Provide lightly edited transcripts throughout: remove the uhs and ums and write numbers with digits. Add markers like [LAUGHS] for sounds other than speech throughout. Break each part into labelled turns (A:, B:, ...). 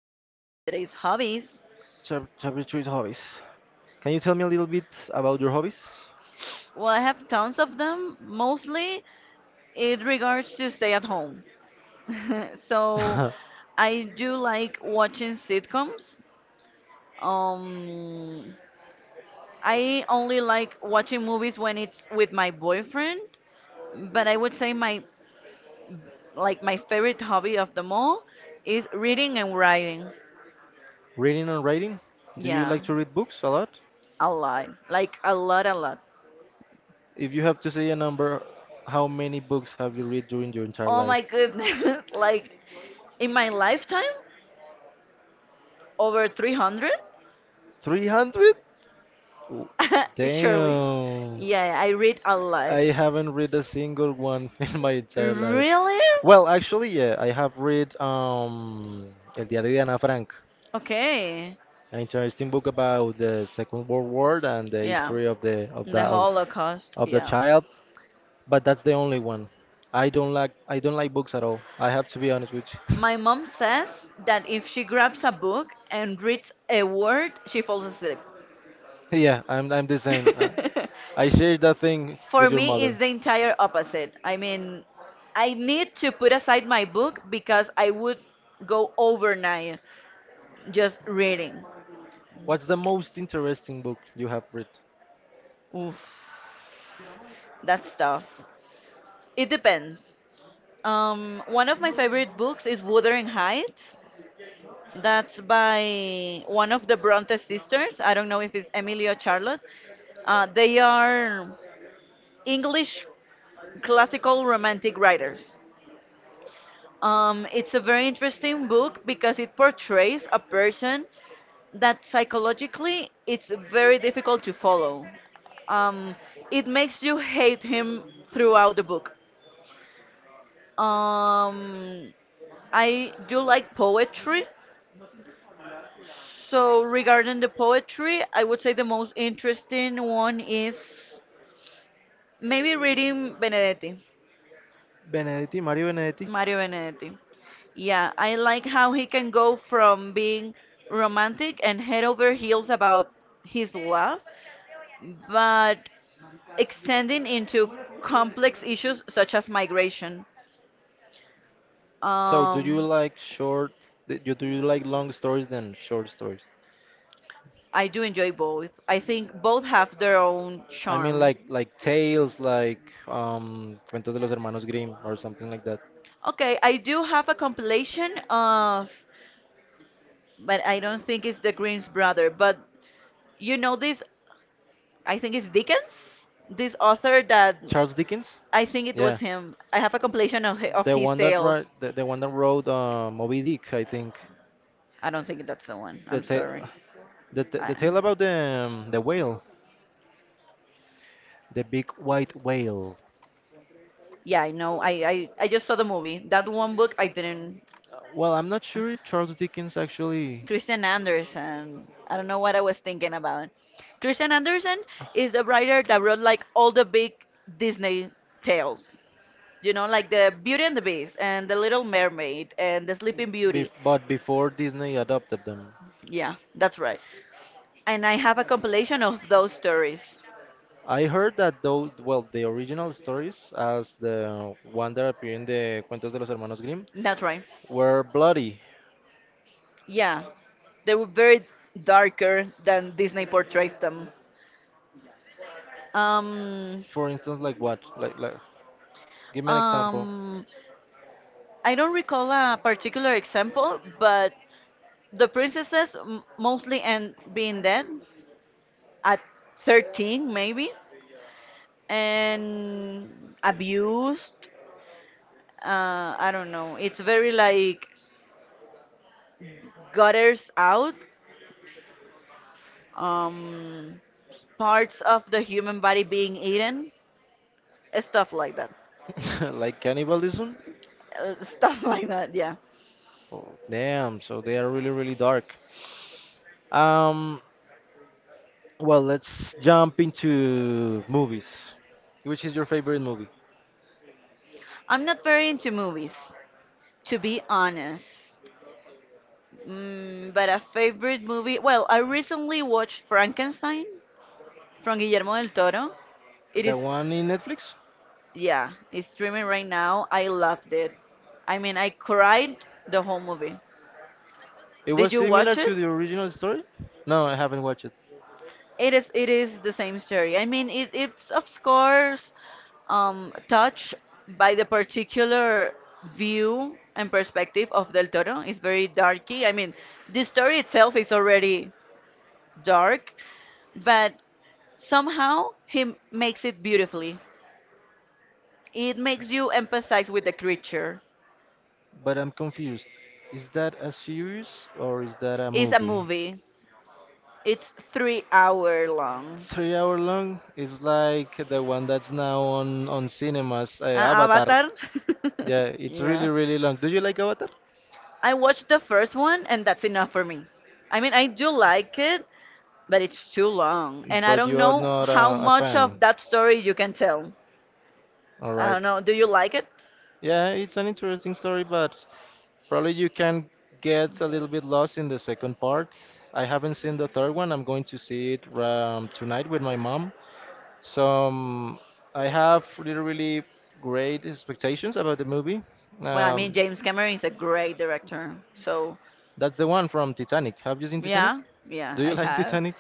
A: So our
B: Well,
A: topic today is hobbies.
B: chapter three is hobbies. Can you tell me a little bit about your hobbies?
A: Well, I have tons of them. Mostly it regards to stay at home. [LAUGHS] So
B: [LAUGHS]
A: I do like watching sitcoms. Um, I only like watching movies when it's with my boyfriend, but I would say my favorite hobby of them all is reading and writing.
B: Reading and writing? Do you
A: Yeah,
B: like to read books a lot?
A: a lot. Like a lot, a lot.
B: If you have to say a number, how many books have you read during your entire
A: Oh
B: life?
A: my goodness. [LAUGHS] In my lifetime, over 300?
B: 300? [LAUGHS]
A: [LAUGHS] Surely.
B: Damn.
A: Yeah, yeah, I read a lot.
B: I haven't read a single one [LAUGHS] in my entire life.
A: Really?
B: Well, actually, yeah, I have read El Diario de Ana Frank,
A: Okay.
B: an interesting book about the Second World War and the
A: Yeah.
B: history of
A: The Holocaust.
B: of the
A: Yeah.
B: child. But that's the only one. I don't like books at all. I have to be honest with you. [LAUGHS]
A: My mom says that if she grabs a book and reads a word, she falls asleep.
B: Yeah, I'm the same.
A: [LAUGHS]
B: I share that thing
A: For
B: with your
A: me, it's
B: mother.
A: the entire opposite. I mean, I need to put aside my book because I would go overnight just reading.
B: What's the most interesting book you have read?
A: Oof. That's tough. It depends. One of my favorite books is Wuthering Heights. That's by one of the Bronte sisters. I don't know if it's Emily or Charlotte. They are English classical romantic writers. It's a very interesting book because it portrays a person that psychologically it's very difficult to follow. Um, it makes you hate him throughout the book. Um, I do like poetry. So regarding the poetry, I would say the most interesting one is maybe reading Benedetti,
B: Benedetti, Mario Benedetti.
A: Mario Benedetti. Yeah, I like how he can go from being romantic and head over heels about his love, but extending into complex issues such as migration.
B: So do you
A: Um,
B: like short? Do you like long stories than short stories?
A: I do enjoy both. I think both have their own
B: I mean,
A: charm.
B: like tales, like Cuentos de los Hermanos Grimm or something like that.
A: Okay, I do have a compilation of but I don't think it's the Grimm's brother. But you know this, I think it's Dickens, this author that
B: Charles Dickens?
A: I think it was
B: Yeah,
A: him. I have a compilation of of his tales.
B: the one that wrote Moby Dick, I think.
A: I don't think that's the one.
B: The
A: I'm
B: tale,
A: sorry. I,
B: the tale about the whale, the big white whale.
A: yeah, I know. I just saw the movie. That one book I didn't.
B: Well, I'm not sure if Charles Dickens actually.
A: Christian Andersen. I don't know what I was thinking about. Christian Andersen is the writer that wrote like all the big Disney tales. You know, like the Beauty and the Beast and the Little Mermaid and the Sleeping
B: Bef
A: Beauty.
B: but before Disney adopted them.
A: Yeah, that's right. And I have a compilation of those stories.
B: I heard that though, well, the original stories, as the one that appear in the Cuentos de los Hermanos Grimm,
A: That's right.
B: were bloody.
A: Yeah, they were very darker than Disney portrays them. Um,
B: For instance, like what? Give me an example.
A: um, I don't recall a particular example, but the princesses mostly end being dead at 13, maybe, and abused. I don't know. It's very like gutters out um, parts of the human body being eaten, stuff like that.
B: [LAUGHS] Like cannibalism?
A: Stuff [LAUGHS] like that, yeah.
B: Oh, damn, so they are really, really dark. Um, well, let's jump into movies. Which is your favorite movie?
A: I'm not very into movies, to be honest. Mm, but a favorite movie, well, I recently watched Frankenstein from Guillermo del Toro. It
B: The
A: is,
B: one in Netflix?
A: yeah, it's streaming right now. I loved it. I mean, I cried the whole movie.
B: It was
A: Did you
B: similar
A: watch
B: to
A: it?
B: the original story? No, I haven't watched it,
A: It is the same story. I mean, it's of course touched by the particular view and perspective of Del Toro. It's very darky. I mean, the story itself is already dark, but somehow he makes it beautifully. It makes you empathize with the creature.
B: but I'm confused. Is that a series or is that a
A: It's a
B: movie?
A: movie. It's 3 hour long.
B: 3 hour long is like the one that's now on cinemas, Avatar.
A: Avatar.
B: Yeah,
A: [LAUGHS]
B: it's really
A: yeah.
B: really long. Do you like Avatar?
A: I watched the first one and that's enough for me. I mean, I do like it, but it's too long. And I
B: But
A: don't
B: you are
A: know
B: not
A: how
B: a, a
A: much
B: fan.
A: of that story you can tell.
B: All
A: I
B: right.
A: don't know. Do you like it?
B: Yeah, it's an interesting story, but probably you can get a little bit lost in the second part. I haven't seen the third one. I'm going to see it tonight with my mom. So um, I have really, really great expectations about the movie.
A: Well, I mean,
B: Um,
A: James Cameron is a great director. So,
B: that's the one from Titanic. Have you seen Titanic?
A: yeah, yeah,
B: Do you
A: I
B: [LAUGHS] like
A: have.
B: Titanic?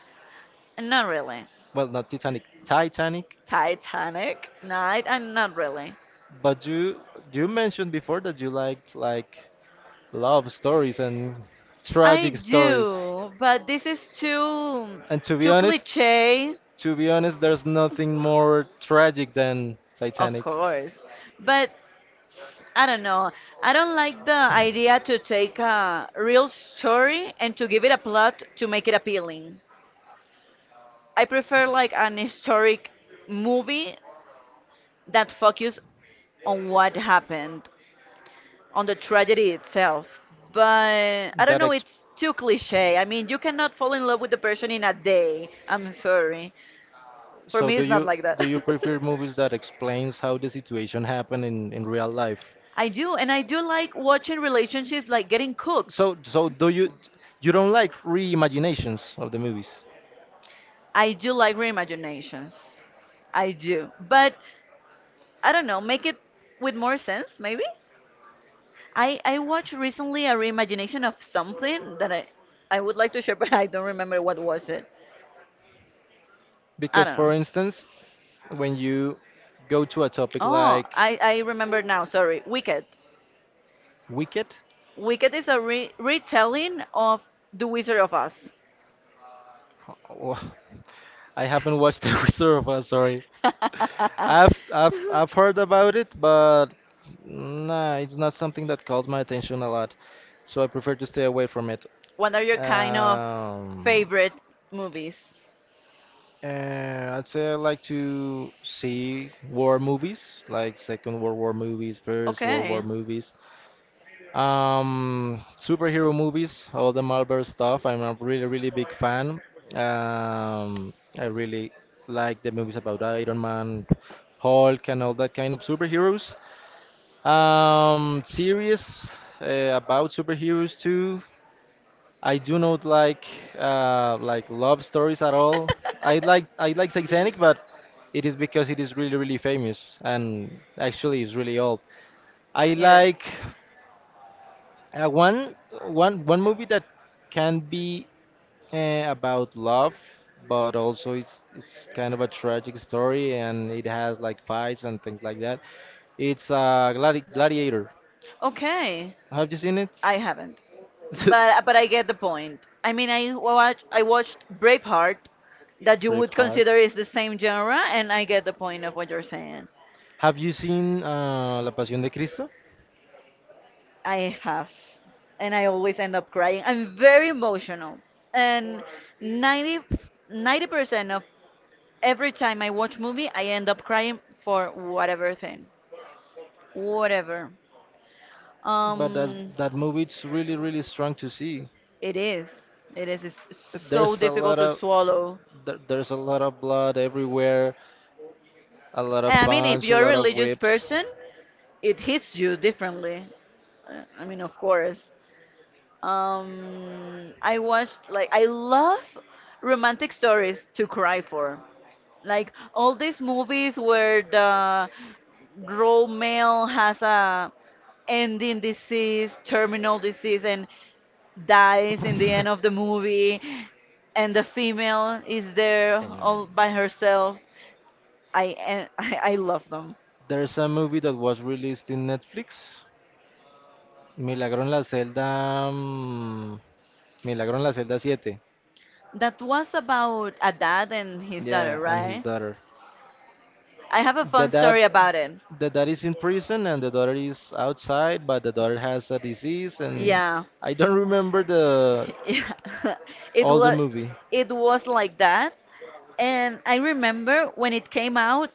A: Not really.
B: Well, not Titanic, Titanic.
A: Titanic? Night? And not really.
B: But you mentioned before that you liked like love stories and
A: I
B: tragic stories.
A: do, but this is
B: And to be
A: too
B: honest,
A: cliche,
B: to be honest, there's nothing more tragic than
A: of
B: Titanic.
A: course. But I don't know. I don't like the idea to take a real story and to give it a plot to make it appealing. I prefer like an historic movie that focus on what happened, on the tragedy itself. But I don't
B: That
A: know,
B: ex-
A: it's too cliche. I mean, you cannot fall in love with the person in a day. I'm sorry. For
B: so
A: me, it's not like that.
B: do you prefer movies that explains how the situation happened in real life?
A: [LAUGHS] I do, and I do like watching relationships like getting cooked.
B: So so do you you don't like reimaginations of the movies?
A: I do like reimaginations. I do. But I don't know, make it with more sense, maybe. I watched recently a reimagination of something that I would like to share, [LAUGHS] but I don't remember what was it. I
B: Because
A: don't know.
B: for instance, when you go to a topic
A: Oh,
B: like
A: I remember now. Sorry, Wicked.
B: Wicked,
A: Wicked is a retelling of The Wizard of Oz.
B: [LAUGHS] oh, I haven't watched [LAUGHS] The Wizard of Oz, sorry.
A: [LAUGHS]
B: I've heard about it, but nah, it's not something that calls my attention a lot, so I prefer to stay away from it.
A: What are your kind of
B: Um,
A: favorite movies?
B: I'd say I like to see war movies, like Second World War movies, First World War
A: Okay.
B: movies, superhero movies, all the Marvel stuff. I'm a really really big fan. I really like the movies about Iron Man, Hulk, and all that kind of superheroes. Series about superheroes too. I do not like like love stories at all. I like
A: [LAUGHS]
B: Titanic, but it is because it is really really famous and actually is really old. I
A: Yes.
B: like uh, one one movie that can be about love, but also it's kind of a tragic story and it has like fights and things like that. It's Gladiator.
A: Okay.
B: Have you seen it?
A: I haven't. So but
B: [LAUGHS]
A: I get the point. I mean, I watched Braveheart that you would
B: Braveheart.
A: consider is the same genre and I get the point of what you're saying.
B: Have you seen La Pasión de Cristo?
A: I have and I always end up crying. I'm very emotional. And ninety ninety percent of every time I watch movie, I end up crying for whatever thing, whatever.
B: But
A: Um,
B: that that movie it's really really strong to see.
A: it is. It is. It's so
B: There's a lot
A: difficult to
B: of
A: swallow.
B: there's a lot of blood everywhere, a lot of
A: And I mean, if
B: punch, a
A: you're a
B: lot of
A: religious
B: whips.
A: person, it hits you differently. I mean, of course. I watched like I love romantic stories to cry for. Like all these movies where the raw male has a ending disease, terminal disease, and dies in the end of the
B: [LAUGHS]
A: movie, and the female is there
B: Um,
A: all by herself. I and [LAUGHS] I love them.
B: there's a movie that was released in Netflix, Milagro en la celda, mm, Milagro en la celda 7.
A: That was about a dad and his daughter,
B: Yeah, and his
A: right?
B: daughter.
A: I have a
B: the
A: fun
B: dad
A: story about it.
B: the dad is in prison and the daughter is outside, but the daughter has a disease and
A: Yeah. [LAUGHS]
B: I don't remember the
A: Yeah. [LAUGHS] It
B: all the
A: was
B: movie.
A: it was like that. And I remember when it came out,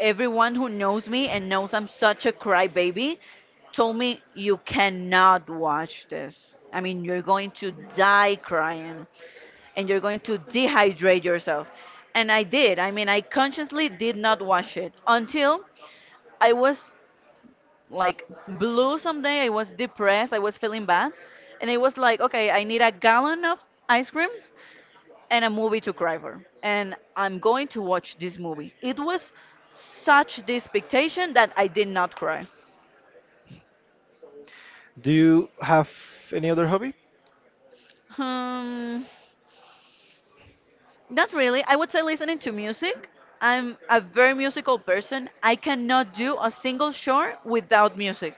A: everyone who knows me and knows I'm such a crybaby told me, "You cannot watch this." I mean, you're going to die crying and you're going to dehydrate yourself. And I did. I mean, I consciously did not watch it until I was like blue someday. I was depressed. I was feeling bad. And I was like, "Okay, I need a gallon of ice cream and a movie to cry for. And I'm going to watch this movie." It was such the expectation that I did not cry.
B: Do you have any other hobby?
A: Hmm, not really. I would say listening to music. I'm a very musical person. I cannot do a single show without music.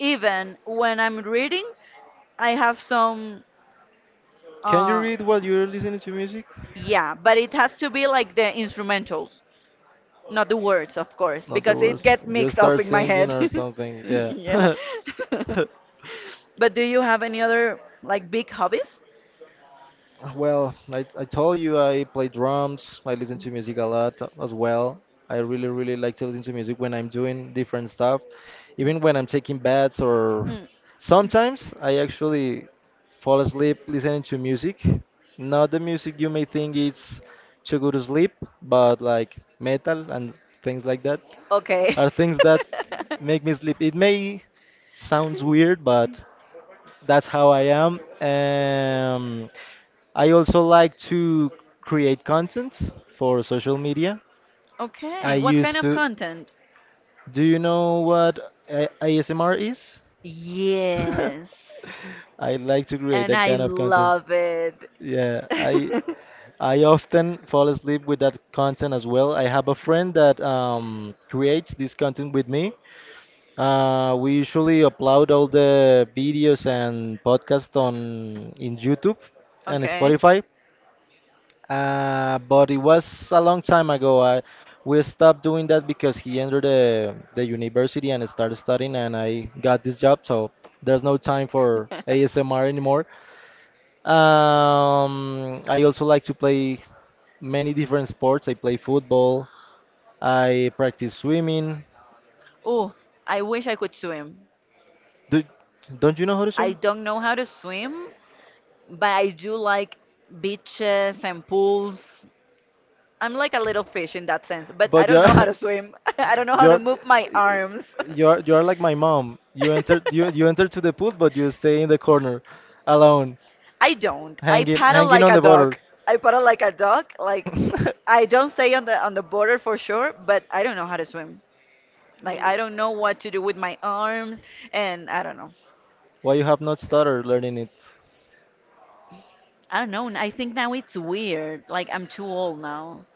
A: Even when I'm reading, I have some,
B: Can you
A: uh,
B: read while you're listening to music?
A: yeah, but it has to be like the instrumentals. Not the words, of course,
B: Not the
A: because it
B: worst
A: get
B: You
A: mixed up
B: start
A: in my
B: singing
A: head. [LAUGHS]
B: or something, yeah.
A: Yeah. [LAUGHS]
B: [LAUGHS]
A: But do you have any other like big hobbies?
B: Well, I told you I play drums. I listen to music a lot as well. I really, really like to listen to music when I'm doing different stuff, even when I'm taking baths or
A: Mm,
B: sometimes I actually fall asleep listening to music. Not the music you may think it's too good to sleep, but like metal and things like that
A: okay.
B: are things that
A: [LAUGHS]
B: make me sleep. It may sounds weird, but that's how I am. I also like to create content for social media. I
A: Okay, what kind
B: used
A: of
B: to.
A: content?
B: Do you know what ASMR is? [LAUGHS]
A: Yes.
B: I like to create
A: And
B: that
A: I
B: kind of content.
A: love it.
B: Yeah,
A: [LAUGHS]
B: I often fall asleep with that content as well. I have a friend that creates this content with me. We usually upload all the videos and podcasts on in YouTube and
A: Okay.
B: Spotify. But it was a long time ago. We stopped doing that because he entered the university and started studying, and I got this job, so there's no time for
A: [LAUGHS]
B: ASMR anymore. I also like to play many different sports. I play football. I practice swimming.
A: Oh, I wish I could swim.
B: Do, don't you know how to
A: I
B: swim?
A: don't know how to swim, but I do like beaches and pools. I'm like a little fish in that sense, but I
B: But
A: don't know how
B: yeah,
A: to swim. [LAUGHS]
B: [LAUGHS]
A: I don't know
B: [LAUGHS]
A: how to
B: You're
A: move my arms.
B: you're like my mom.
A: [LAUGHS]
B: You enter to the pool, but you stay in the corner, alone,
A: I don't. I paddle
B: hanging
A: like
B: on the
A: a
B: a border.
A: dog. I paddle like a dog. Like I don't stay on the border for sure, but I don't know how to swim. Like I don't know what to do with my arms and I don't know.
B: [LAUGHS] Why you have not started learning it?
A: I don't know. I think now it's weird. Like I'm too old now.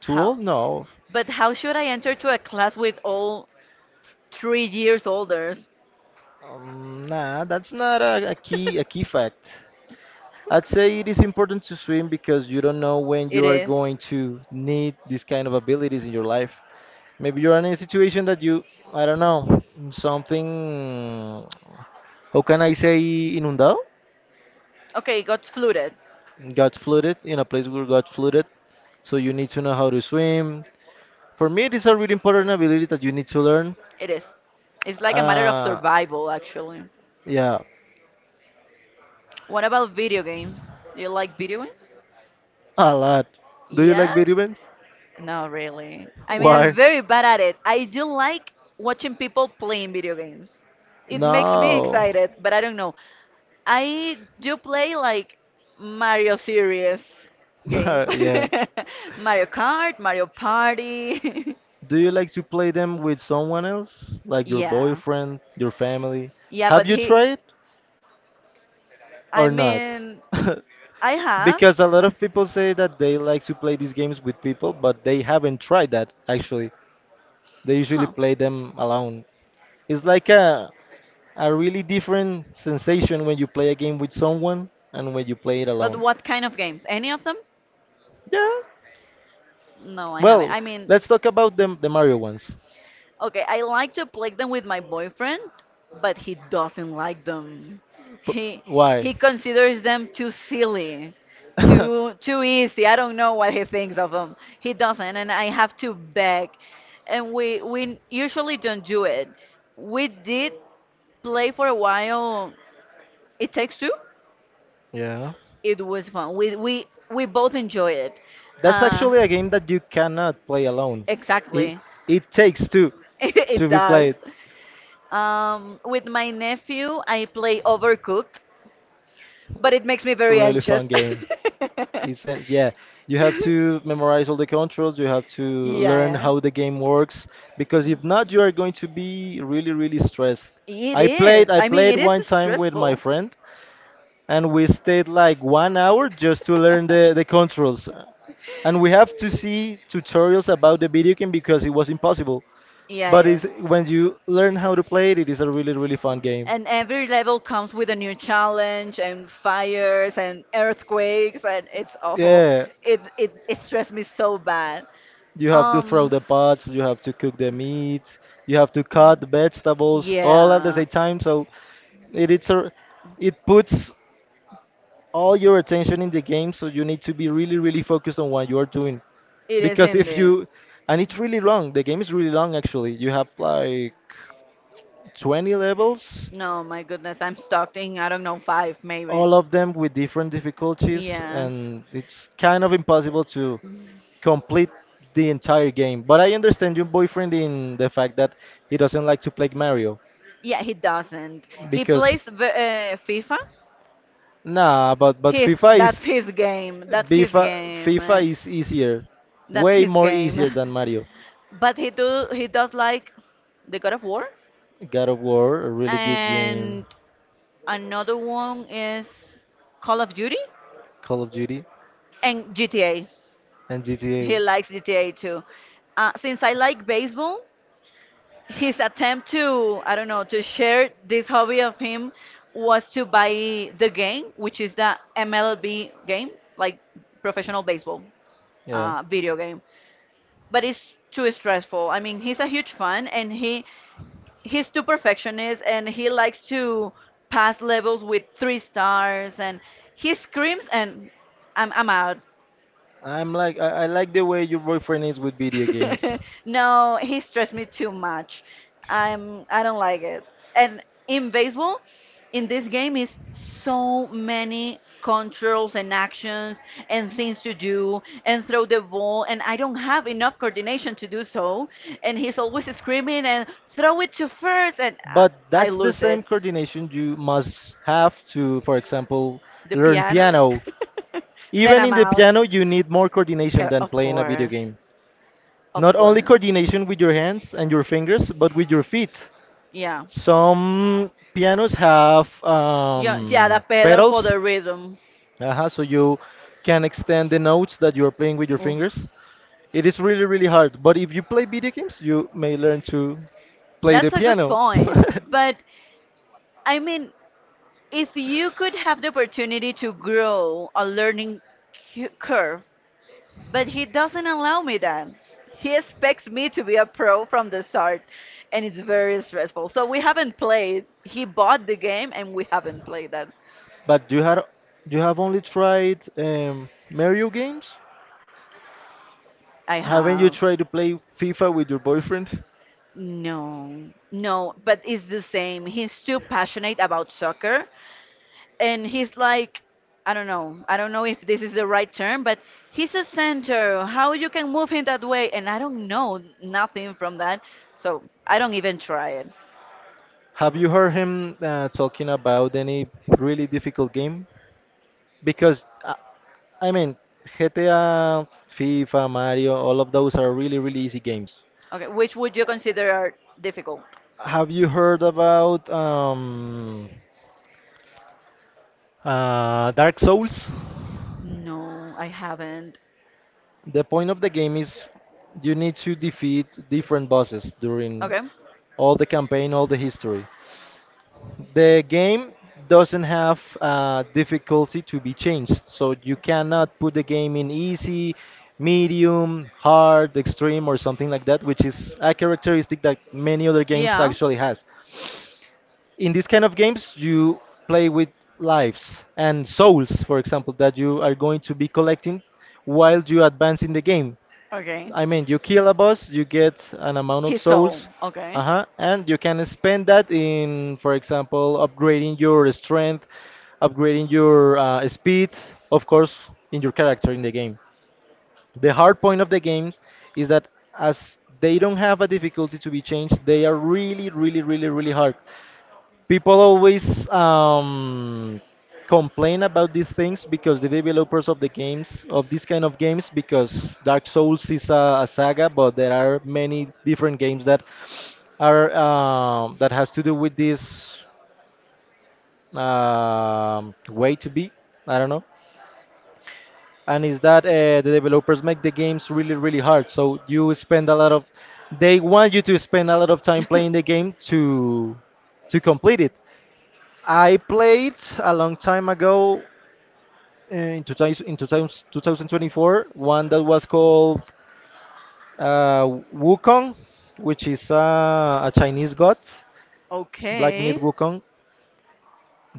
B: Too
A: How?
B: old? No.
A: But how should I enter to a class with all 3 years olders?
B: Nah, that's not a, a key
A: [LAUGHS]
B: fact. I'd say it is important to swim because you don't know when
A: It
B: you are
A: is.
B: going to need these kind of abilities in your life. Maybe you're in a situation that you, I don't know, something, how can I say, inundado?
A: Okay, got fluted.
B: Got flooded in a place where got flooded, so you need to know how to swim. For me it is a really important ability that you need to learn.
A: It is. It's like a matter of
B: uh,
A: survival, actually.
B: yeah,
A: What about video games? Do you like video games?
B: a lot. Do you like
A: Yeah?
B: video games?
A: No, really. I mean, I'm
B: Why?
A: very bad at it. I do like watching people playing video games. It makes me
B: No.
A: excited, but I don't know. I do play like Mario series games.
B: [LAUGHS] Yeah,
A: [LAUGHS] Mario Kart, Mario Party. [LAUGHS]
B: do you like to play them with someone else, like your
A: Yeah.
B: boyfriend, your family?
A: Yeah,
B: Have
A: but
B: you
A: he
B: tried
A: I
B: or not?
A: mean,
B: [LAUGHS]
A: I have.
B: Because a lot of people say that they like to play these games with people, but they haven't tried that actually. They usually
A: Huh.
B: play them alone. It's like a really different sensation when you play a game with someone and when you play it
A: But
B: alone.
A: what kind of games? Any of them?
B: Yeah.
A: No, I haven't.
B: Well,
A: I mean,
B: let's talk about the Mario ones.
A: okay, I like to play them with my boyfriend, but he doesn't like them. He he
B: Why?
A: considers them too silly,
B: [LAUGHS]
A: too easy. I don't know what he thinks of them. He doesn't, and I have to beg. And we usually don't do it. We did play for a while. It takes two.
B: Yeah.
A: It was fun. We both enjoy it.
B: That's
A: Uh,
B: actually a game that you cannot play alone. It
A: Exactly.
B: it takes two
A: [LAUGHS] It
B: to be [LAUGHS]
A: does.
B: played.
A: With my nephew, I play Overcooked, but it makes me very
B: Really fun
A: anxious.
B: game. [LAUGHS]
A: [LAUGHS]
B: It's a, yeah, you have to memorize all the controls, you have to learn
A: Yeah,
B: how the game works because if
A: yeah.
B: not you are going to be really really stressed.
A: It is.
B: I
A: I mean,
B: played
A: it is
B: one time with my
A: stressful.
B: friend and we stayed like 1 hour just to learn the controls and we have to see tutorials about the video game because it was impossible.
A: Yeah, it
B: But
A: is.
B: it's, when you learn how to play it, it is a really really fun game.
A: And every level comes with a new challenge and fires and earthquakes and it's awful.
B: Yeah,
A: It stressed me so bad.
B: you have to throw
A: Um
B: the pots, you have to cook the meat, you have to cut the vegetables all at the
A: yeah.
B: same time. So it it's a, it puts all your attention in the game. So you need to be really really focused on what you are doing,
A: It is
B: because if
A: ending.
B: you and it's really long. The game is really long actually. You have like 20 levels,
A: No, my goodness, I'm stuck in, I don't know, five maybe.
B: all of them with different difficulties,
A: Yeah.
B: and it's kind of impossible to complete the entire game. But I understand your boyfriend in the fact that he doesn't like to play Mario
A: Yeah, he doesn't. He plays
B: because
A: the, FIFA.
B: nah, but
A: His,
B: FIFA
A: that's
B: is
A: his game. That's his
B: FIFA
A: game.
B: is easier,
A: That's
B: way
A: his
B: more
A: game.
B: easier
A: [LAUGHS]
B: than Mario.
A: But he does like the God of War.
B: God of War, a really good
A: And
B: game,
A: another one is Call of Duty
B: Call of Duty,
A: and GTA.
B: and
A: He
B: GTA.
A: likes GTA too. Since I like baseball, his attempt to I don't know to share this hobby of him was to buy the game, which is the MLB game, like professional baseball video game. But it's too stressful. I mean, he's a huge fan, and he's too perfectionist, and he likes to pass levels with three stars, and he screams, and I'm out.
B: I'm like I like the way your boyfriend is with video games.
A: [LAUGHS] No, he stressed me too much. I don't like it. And in baseball, in this game is so many controls and actions and things to do and throw the ball and I don't have enough coordination to do so and he's always screaming and throw it to first and I,
B: But
A: I
B: that's the
A: lose
B: same
A: it.
B: coordination you must have to, for example,
A: The
B: learn
A: piano.
B: piano.
A: [LAUGHS] Then
B: Even
A: I'm
B: in the
A: out.
B: piano, you need more coordination than
A: Of
B: playing a video
A: course.
B: game.
A: Of
B: Not only
A: course.
B: coordination with your hands and your fingers, but with your feet.
A: Yeah.
B: Some pianos have
A: Yeah, yeah, the pedal for
B: pedals,
A: the rhythm.
B: so you can extend the notes that you are playing with your
A: Oof.
B: fingers. It is really, really hard, but if you play video games, you may learn to play the
A: That's a good
B: piano. [LAUGHS]
A: point. But I mean, if you could have the opportunity to grow a learning curve, but he doesn't allow me that. He expects me to be a pro from the start, and it's very stressful. So we haven't played. He bought the game, and we haven't played that.
B: But you have only tried Mario games?
A: I
B: Haven't you
A: have.
B: tried to play FIFA with your boyfriend?
A: No, no, but it's the same. He's too passionate about soccer and he's like I don't know if this is the right term, but he's a center, how you can move him that way, and I don't know nothing from that, so I don't even try it.
B: Have you heard him talking about any really difficult game? Because I mean, GTA, FIFA, Mario, all of those are really, really easy games.
A: Okay, which would you consider are difficult?
B: Have you heard about Dark Souls?
A: No, I haven't.
B: The point of the game is you need to defeat different bosses during
A: Okay.
B: all the campaign, all the history. The game doesn't have difficulty to be changed, so you cannot put the game in easy, medium, hard, extreme, or something like that, which is a characteristic that many other games
A: Yeah.
B: actually has. In these kind of games, you play with lives and souls, for example, that you are going to be collecting while you advance in the game.
A: Okay.
B: I mean, you kill a boss, you get an amount of
A: His soul,
B: souls.
A: okay.
B: Uh-huh. And you can spend that in, for example, upgrading your strength, upgrading your speed, of course, in your character in the game. The hard point of the games is that as they don't have a difficulty to be changed, they are really, really, really, really hard. People always complain about these things because the developers of the games of these kind of games, because Dark Souls is a saga, but there are many different games that are that has to do with this way to be. I don't know. And is that the developers make the games really really hard? So you spend a lot of, they want you to spend a lot of time playing the game
A: [LAUGHS]
B: to complete it. I played a long time ago in 2024 one that was called uh, Wukong, which is a Chinese god, Black Myth
A: Okay.
B: Wukong.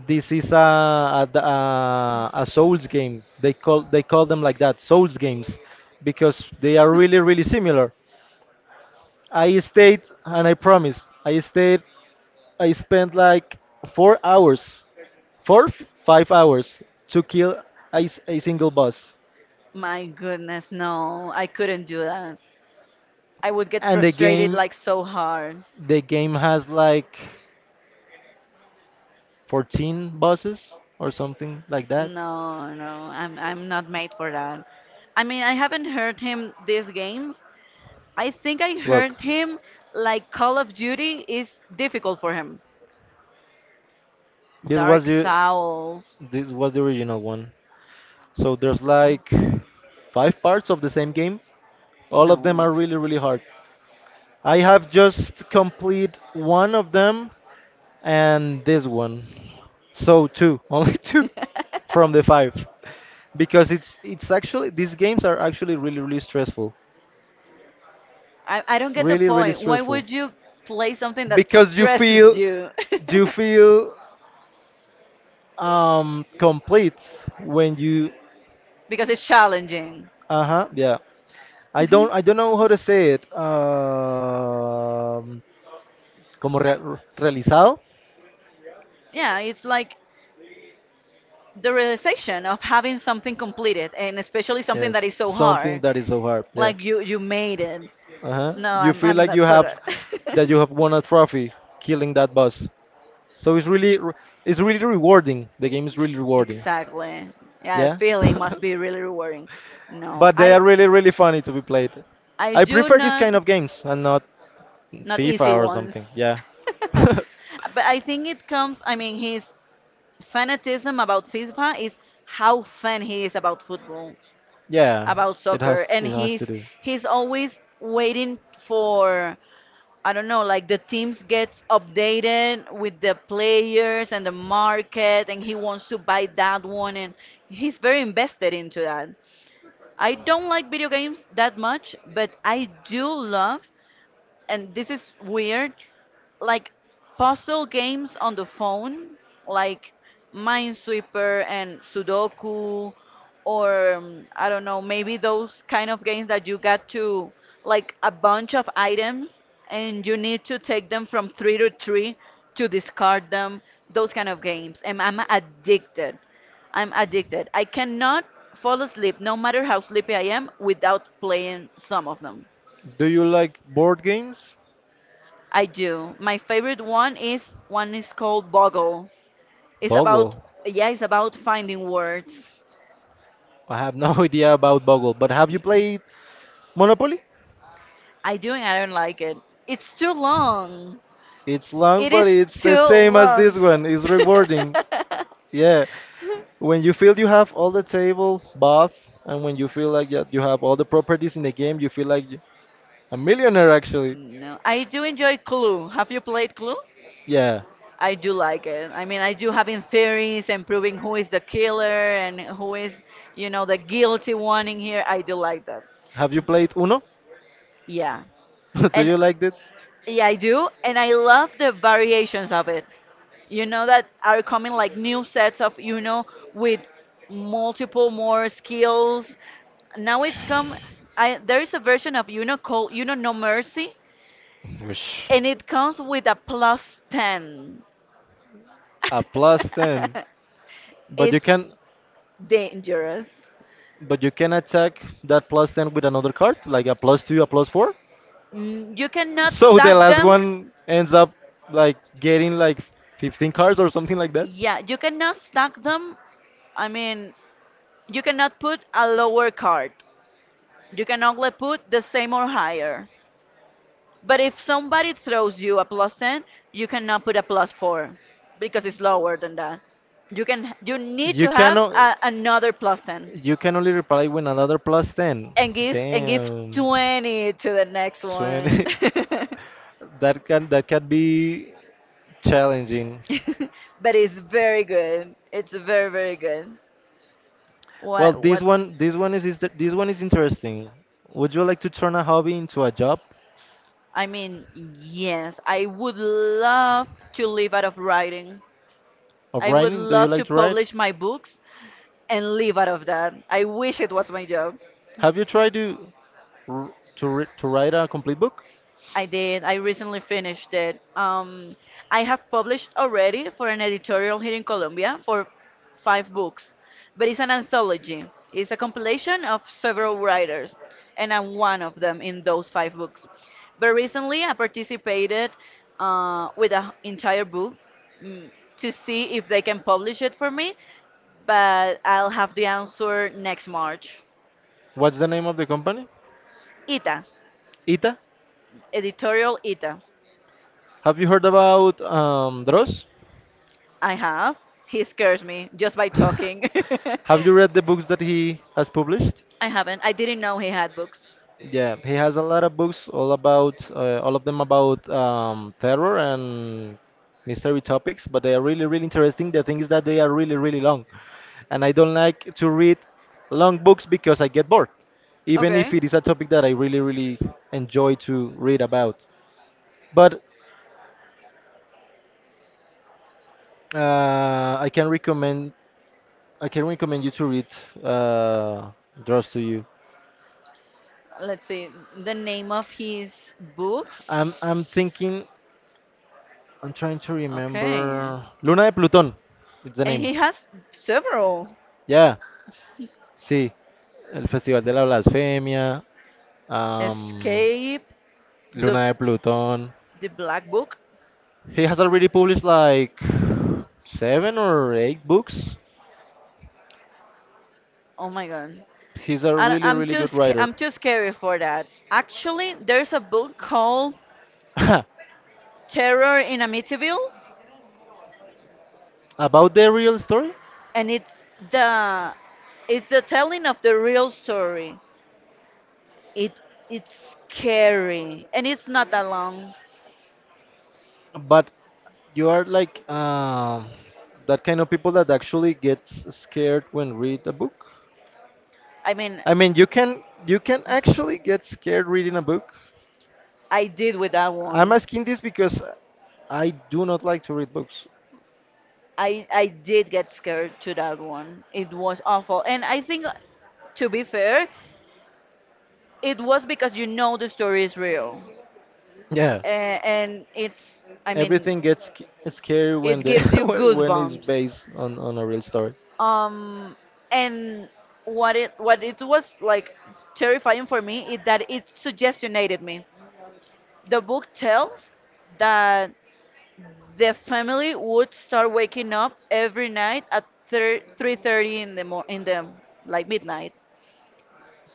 B: This is a Souls game. They call them like that, Souls games, because they are really really similar. I stayed, and I promise, I stayed, I spent like four hours, five hours to kill a single boss,
A: My goodness, no, I couldn't do that. I would get
B: and the
A: frustrated
B: game
A: like so hard.
B: the game has like 14 bosses or something like that.
A: No, no, I'm not made for that. I mean, I haven't heard him these games. I think I
B: Look,
A: heard him like Call of Duty is difficult for him.
B: this was
A: Dark
B: the
A: Souls.
B: this was the original one. So there's
A: Oh,
B: like 5 parts of the same game. All of them
A: no.
B: are really really hard. I have just complete one of them, and this one. So two, [LAUGHS] only two
A: [LAUGHS]
B: from the five. Because it's actually these games are actually really really stressful.
A: I don't get the
B: Really really
A: point. Why
B: stressful.
A: would you play something that
B: Because you
A: stresses
B: feel
A: you?
B: you
A: [LAUGHS]
B: feel complete when you—
A: Because it's challenging.
B: uh-huh, yeah. I don't know how to say it. Como realizado.
A: Yeah, it's like the realization of having something completed, and especially something
B: Yes,
A: that is so
B: something
A: hard.
B: that is so hard. Yeah.
A: Like you made it.
B: Uh-huh.
A: No,
B: You
A: I'm,
B: feel
A: I'm
B: like
A: not for that. [LAUGHS]
B: you have won a trophy killing that boss. So it's really rewarding. The game is really rewarding.
A: Exactly. Yeah, the
B: Yeah.
A: feeling must be really rewarding.
B: [LAUGHS]
A: No,
B: But they are
A: I
B: really really funny to be played.
A: I
B: I
A: do
B: prefer these
A: not,
B: kind of games and not
A: not easy
B: FIFA or
A: ones.
B: something. Yeah.
A: [LAUGHS]
B: [LAUGHS]
A: But I think it comes. I mean, his fanaticism about FIFA is how fan he is about football,
B: Yeah.
A: about
B: It
A: soccer,
B: has,
A: and
B: it has
A: he's
B: to do.
A: he's always waiting for, I don't know, like the teams gets updated with the players and the market and he wants to buy that one, and he's very invested into that. I don't like video games that much, but I do love, and this is weird, like puzzle games on the phone, like Minesweeper and Sudoku, or I don't know, maybe those kind of games that you got to, like, a bunch of items and you need to take them from three to three to discard them. Those kind of games, and I'm addicted. I'm addicted. I cannot fall asleep, no matter how sleepy I am, without playing some of them.
B: Do you like board games?
A: I do. My favorite one is called Boggle. It's about
B: Boggle.
A: Yeah, it's about finding words.
B: I have no [LAUGHS] idea about Boggle, but have you
A: Y-
B: played Monopoly?
A: I do and I don't like it. It's too long.
B: It's long,
A: It
B: but
A: is
B: it's the
A: too
B: same as this
A: long.
B: one. It's
A: [LAUGHS]
B: rewarding. Yeah. When you feel you have all the table buff, and when you feel like that you have all the properties in the game, you feel like you— a millionaire actually.
A: No, I do enjoy Clue. Have you played Clue?
B: Yeah.
A: I do like it. I mean, I do having theories and proving who is the killer and who is, the guilty one in here. I do like that.
B: Have you played Uno?
A: Yeah.
B: [LAUGHS] Do
A: And
B: you like it?
A: yeah, I do, and I love the variations of it. You know that are coming, like, new sets of, with multiple more skills. Now it's come. I there is a version of, called, No Mercy,
B: Whoosh.
A: and it comes with a plus 10.
B: A plus 10.
A: [LAUGHS]
B: But you
A: It's
B: can,
A: dangerous.
B: but you can attack that plus 10 with another card, like a plus 2, a plus 4?
A: Mm, you cannot
B: So the
A: stack
B: last
A: them.
B: one ends up like getting like 15 cards or something like that.
A: Yeah, you cannot stack them. I mean, you cannot put a lower card. You can only put the same or higher. But if somebody throws you a plus 10, you cannot put a plus 4 because it's lower than that. You need
B: You
A: to have
B: cannot.
A: another plus 10
B: You can only reply with another plus 10.
A: and give
B: Damn.
A: 20 to the next one.
B: 20.
A: [LAUGHS]
B: [LAUGHS] That can, that can be challenging.
A: [LAUGHS] But it's very good. It's very very good.
B: Well,
A: What
B: this one is interesting. Would you like to turn a hobby into a job
A: I mean, yes, I would love to live out of writing.
B: of
A: I would
B: writing? Do you
A: love to
B: like to write?
A: publish my books and live out of that. I wish it was my job.
B: Have you tried to to write a complete book?
A: I did. I recently finished it. I have published already for an editorial here in Colombia for five books, but it's an anthology. It's a compilation of several writers, and I'm one of them in those five books. But recently, I participated with an entire book, mm, to see if they can publish it for me, but I'll have the answer next March.
B: What's the name of the company?
A: ITA,
B: Ita.
A: editorial ITA.
B: Have you heard about Dross?
A: I have. He scares me just by talking. [LAUGHS]
B: [LAUGHS] Have you read the books that he has published?
A: I haven't. I didn't know he had books.
B: Yeah, he has a lot of books all about all of them about terror and mystery topics, but they are really really interesting. The thing is that they are really really long, and I don't like to read long books because I get bored, even
A: Okay.
B: if it is a topic that I really really enjoy to read about. But Uh, I can recommend I can recommend you to read uh, Draws to You.
A: Let's see. The name of his books.
B: I'm I'm thinking I'm trying to
A: Okay.
B: remember Luna de Plutón. It's the
A: And
B: name.
A: he has several.
B: Yeah, sí. El Festival de la Blasfemia. Um,
A: Escape the
B: Luna de Plutón.
A: the Black Book.
B: He has already published like 7 or 8 books.
A: Oh my god.
B: He's a
A: I,
B: really
A: I'm
B: really
A: too
B: good
A: sca-
B: writer.
A: I'm too scary for that. Actually, there's a book called
B: [LAUGHS]
A: Terror in Amityville.
B: About the real story?
A: And the it's the telling of the real story. It it's scary and it's not that long.
B: But you are like that kind of people that actually gets scared when read a book.
A: I mean,
B: I mean, you can actually get scared reading a book.
A: I did with that
B: I'm
A: one.
B: asking this because I do not like to read books.
A: I did get scared to that one. It was awful, and I think, to be fair, it was because, you know, the story is real,
B: Yeah,
A: and, it's, I mean,
B: everything gets sc- scary when
A: it
B: the
A: gives you
B: [LAUGHS] when it's
A: goosebumps.
B: based on a real story.
A: um and what it was like terrifying for me is that it suggestionated me. The book tells that the family would start waking up every night at 3:30 in the like midnight,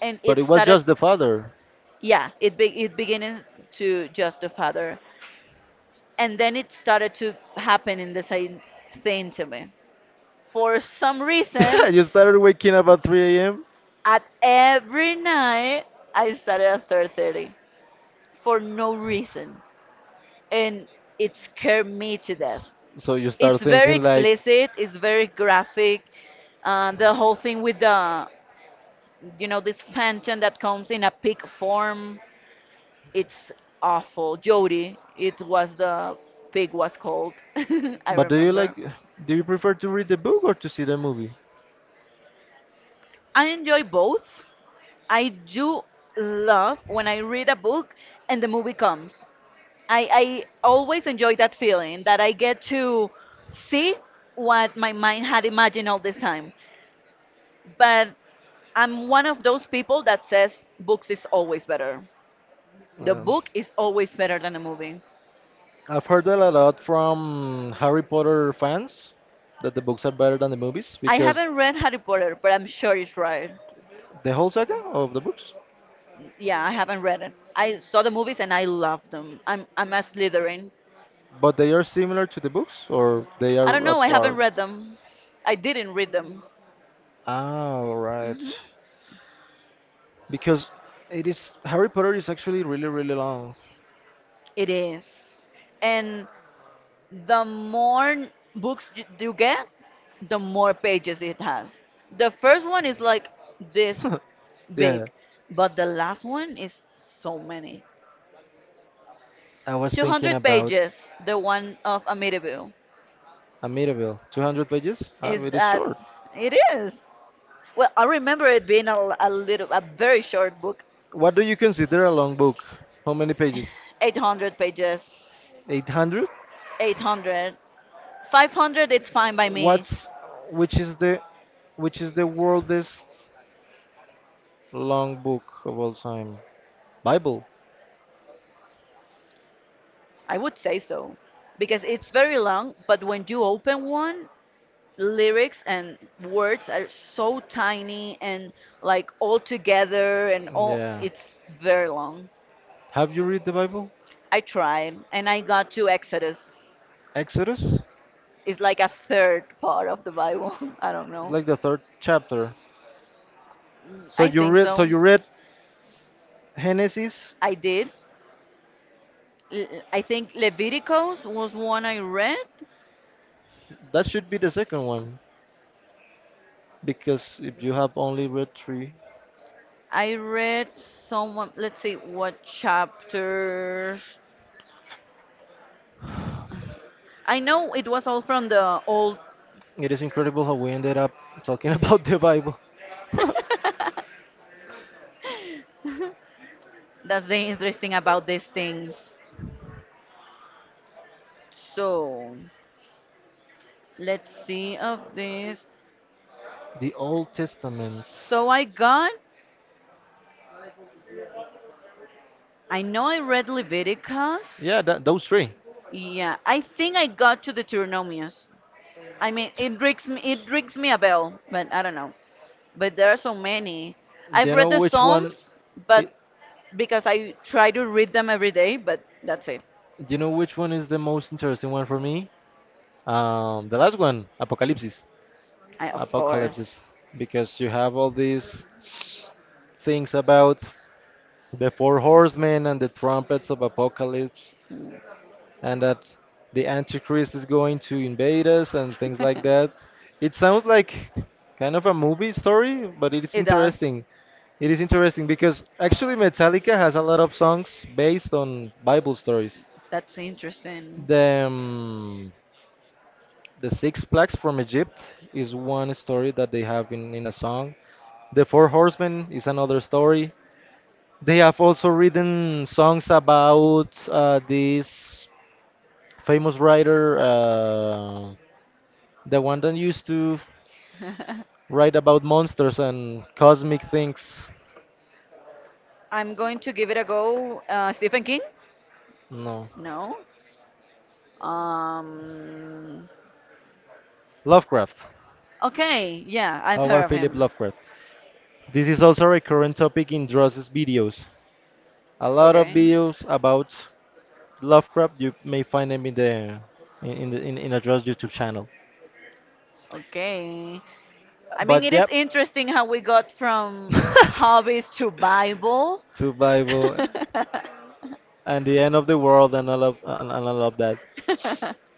A: and
B: But
A: it
B: it was
A: started.
B: just the father.
A: Yeah, it beginning to just the father, and then it started to happen in the same thing to me for some reason.
B: [LAUGHS] You started waking up at 3 a.m.
A: At every night, I started at 3:30 for no reason, and it scared me to death.
B: So you
A: It's
B: start
A: very
B: thinking like—
A: explicit. It's very graphic.
B: um.
A: The whole thing with the, this phantom that comes in a pig form. It's awful. Jody, it was the pig was called. [LAUGHS]
B: [LAUGHS]
A: I
B: But do you like,
A: remember.
B: do you prefer to read the book or to see the movie?
A: I enjoy both. I do love when I read a book and the movie comes. I always enjoy that feeling that I get to see what my mind had imagined all this time. But I'm one of those people that says books is always better. The
B: Um,
A: book is always better than a movie.
B: I've heard that a lot from Harry Potter fans that the books are better than the movies, I
A: I
B: because
A: haven't read Harry Potter, but I'm sure it's right.
B: it. The whole saga of the books,
A: Yeah, I haven't read it. I saw the movies and I loved them. I'm a Slytherin.
B: but they are similar to the books or they
A: I don't
B: are
A: know. I haven't
B: apart.
A: read them. I didn't read them.
B: Ah, right.
A: Hmm.
B: Because it is Harry Potter is actually really really long.
A: It is. And the more books you get, the more pages it has. The first one is like this
B: [LAUGHS] Yeah,
A: big, but the last one is so many.
B: I was thinking
A: 200
B: about
A: pages, the one of Amityville.
B: a Amityville. 200 pages?
A: Is
B: It is
A: that
B: short.
A: it is. Well, I remember it being a very short book.
B: What do you consider a long book? How many pages?
A: 800 pages,
B: 800?
A: 800, 500 it's fine by me.
B: What's which is the which is the worldest long book of all time? Bible.
A: I would say so because it's very long, but when you open one, lyrics and words are so tiny and like all together and all
B: Yeah.
A: it's very long.
B: Have you read the Bible?
A: I tried and I got to Exodus.
B: Exodus?
A: It's like a third part of the Bible. [LAUGHS] I don't know.
B: Like the third chapter.
A: Mm, I think
B: So
A: so.
B: you read Genesis?
A: I did. I think Leviticus was one I read.
B: That should be the second one. Because if you have only read three,
A: I read someone, let's see what chapters. I know it was all from the old.
B: it is incredible how we ended up talking [LAUGHS] about the Bible. [LAUGHS]
A: [LAUGHS] That's the interesting about these things. So let's see of this.
B: The Old Testament.
A: So I got, I know I read
B: Yeah,
A: Leviticus.
B: that, those three. Do
A: Yeah, I think I got to Deuteronomius. I mean, it rings me a bell, but I don't know. But there are so many. I've
B: you
A: read
B: know
A: the
B: which one?
A: Psalms, but
B: i-
A: because I try to read them every day, but that's it.
B: Do you know which one is the most interesting one for me? The last one, Apocalypse.
A: I, of course.
B: Apocalypses, because you have all these things about the four horsemen and the trumpets of apocalypse,
A: Mm.
B: and that the antichrist is going to invade us and things like that.
A: [LAUGHS]
B: It sounds like kind of a movie story, but it is
A: It does.
B: interesting. It is interesting because actually Metallica has a lot of songs based on Bible stories.
A: That's interesting.
B: the um, The Six Plagues from Egypt is one story that they have in a song. The Four Horsemen is another story. They have also written songs about this famous writer, the one that used to
A: [LAUGHS]
B: write about monsters and cosmic things.
A: I'm going to give it a go. Stephen King?
B: No,
A: No? Um.
B: Lovecraft.
A: Okay. Yeah, I've
B: Howard
A: heard of
B: Philip
A: him.
B: Lovecraft. This is also a recurrent topic in Dross's videos. A lot of
A: Okay.
B: videos about Lovecraft, you may find them in in Adra's YouTube channel.
A: Okay. I mean,
B: But
A: it is
B: yep.
A: interesting how we got from hobbies to Bible.
B: [LAUGHS] To Bible and the end of the world and all of and all of that.
A: [LAUGHS]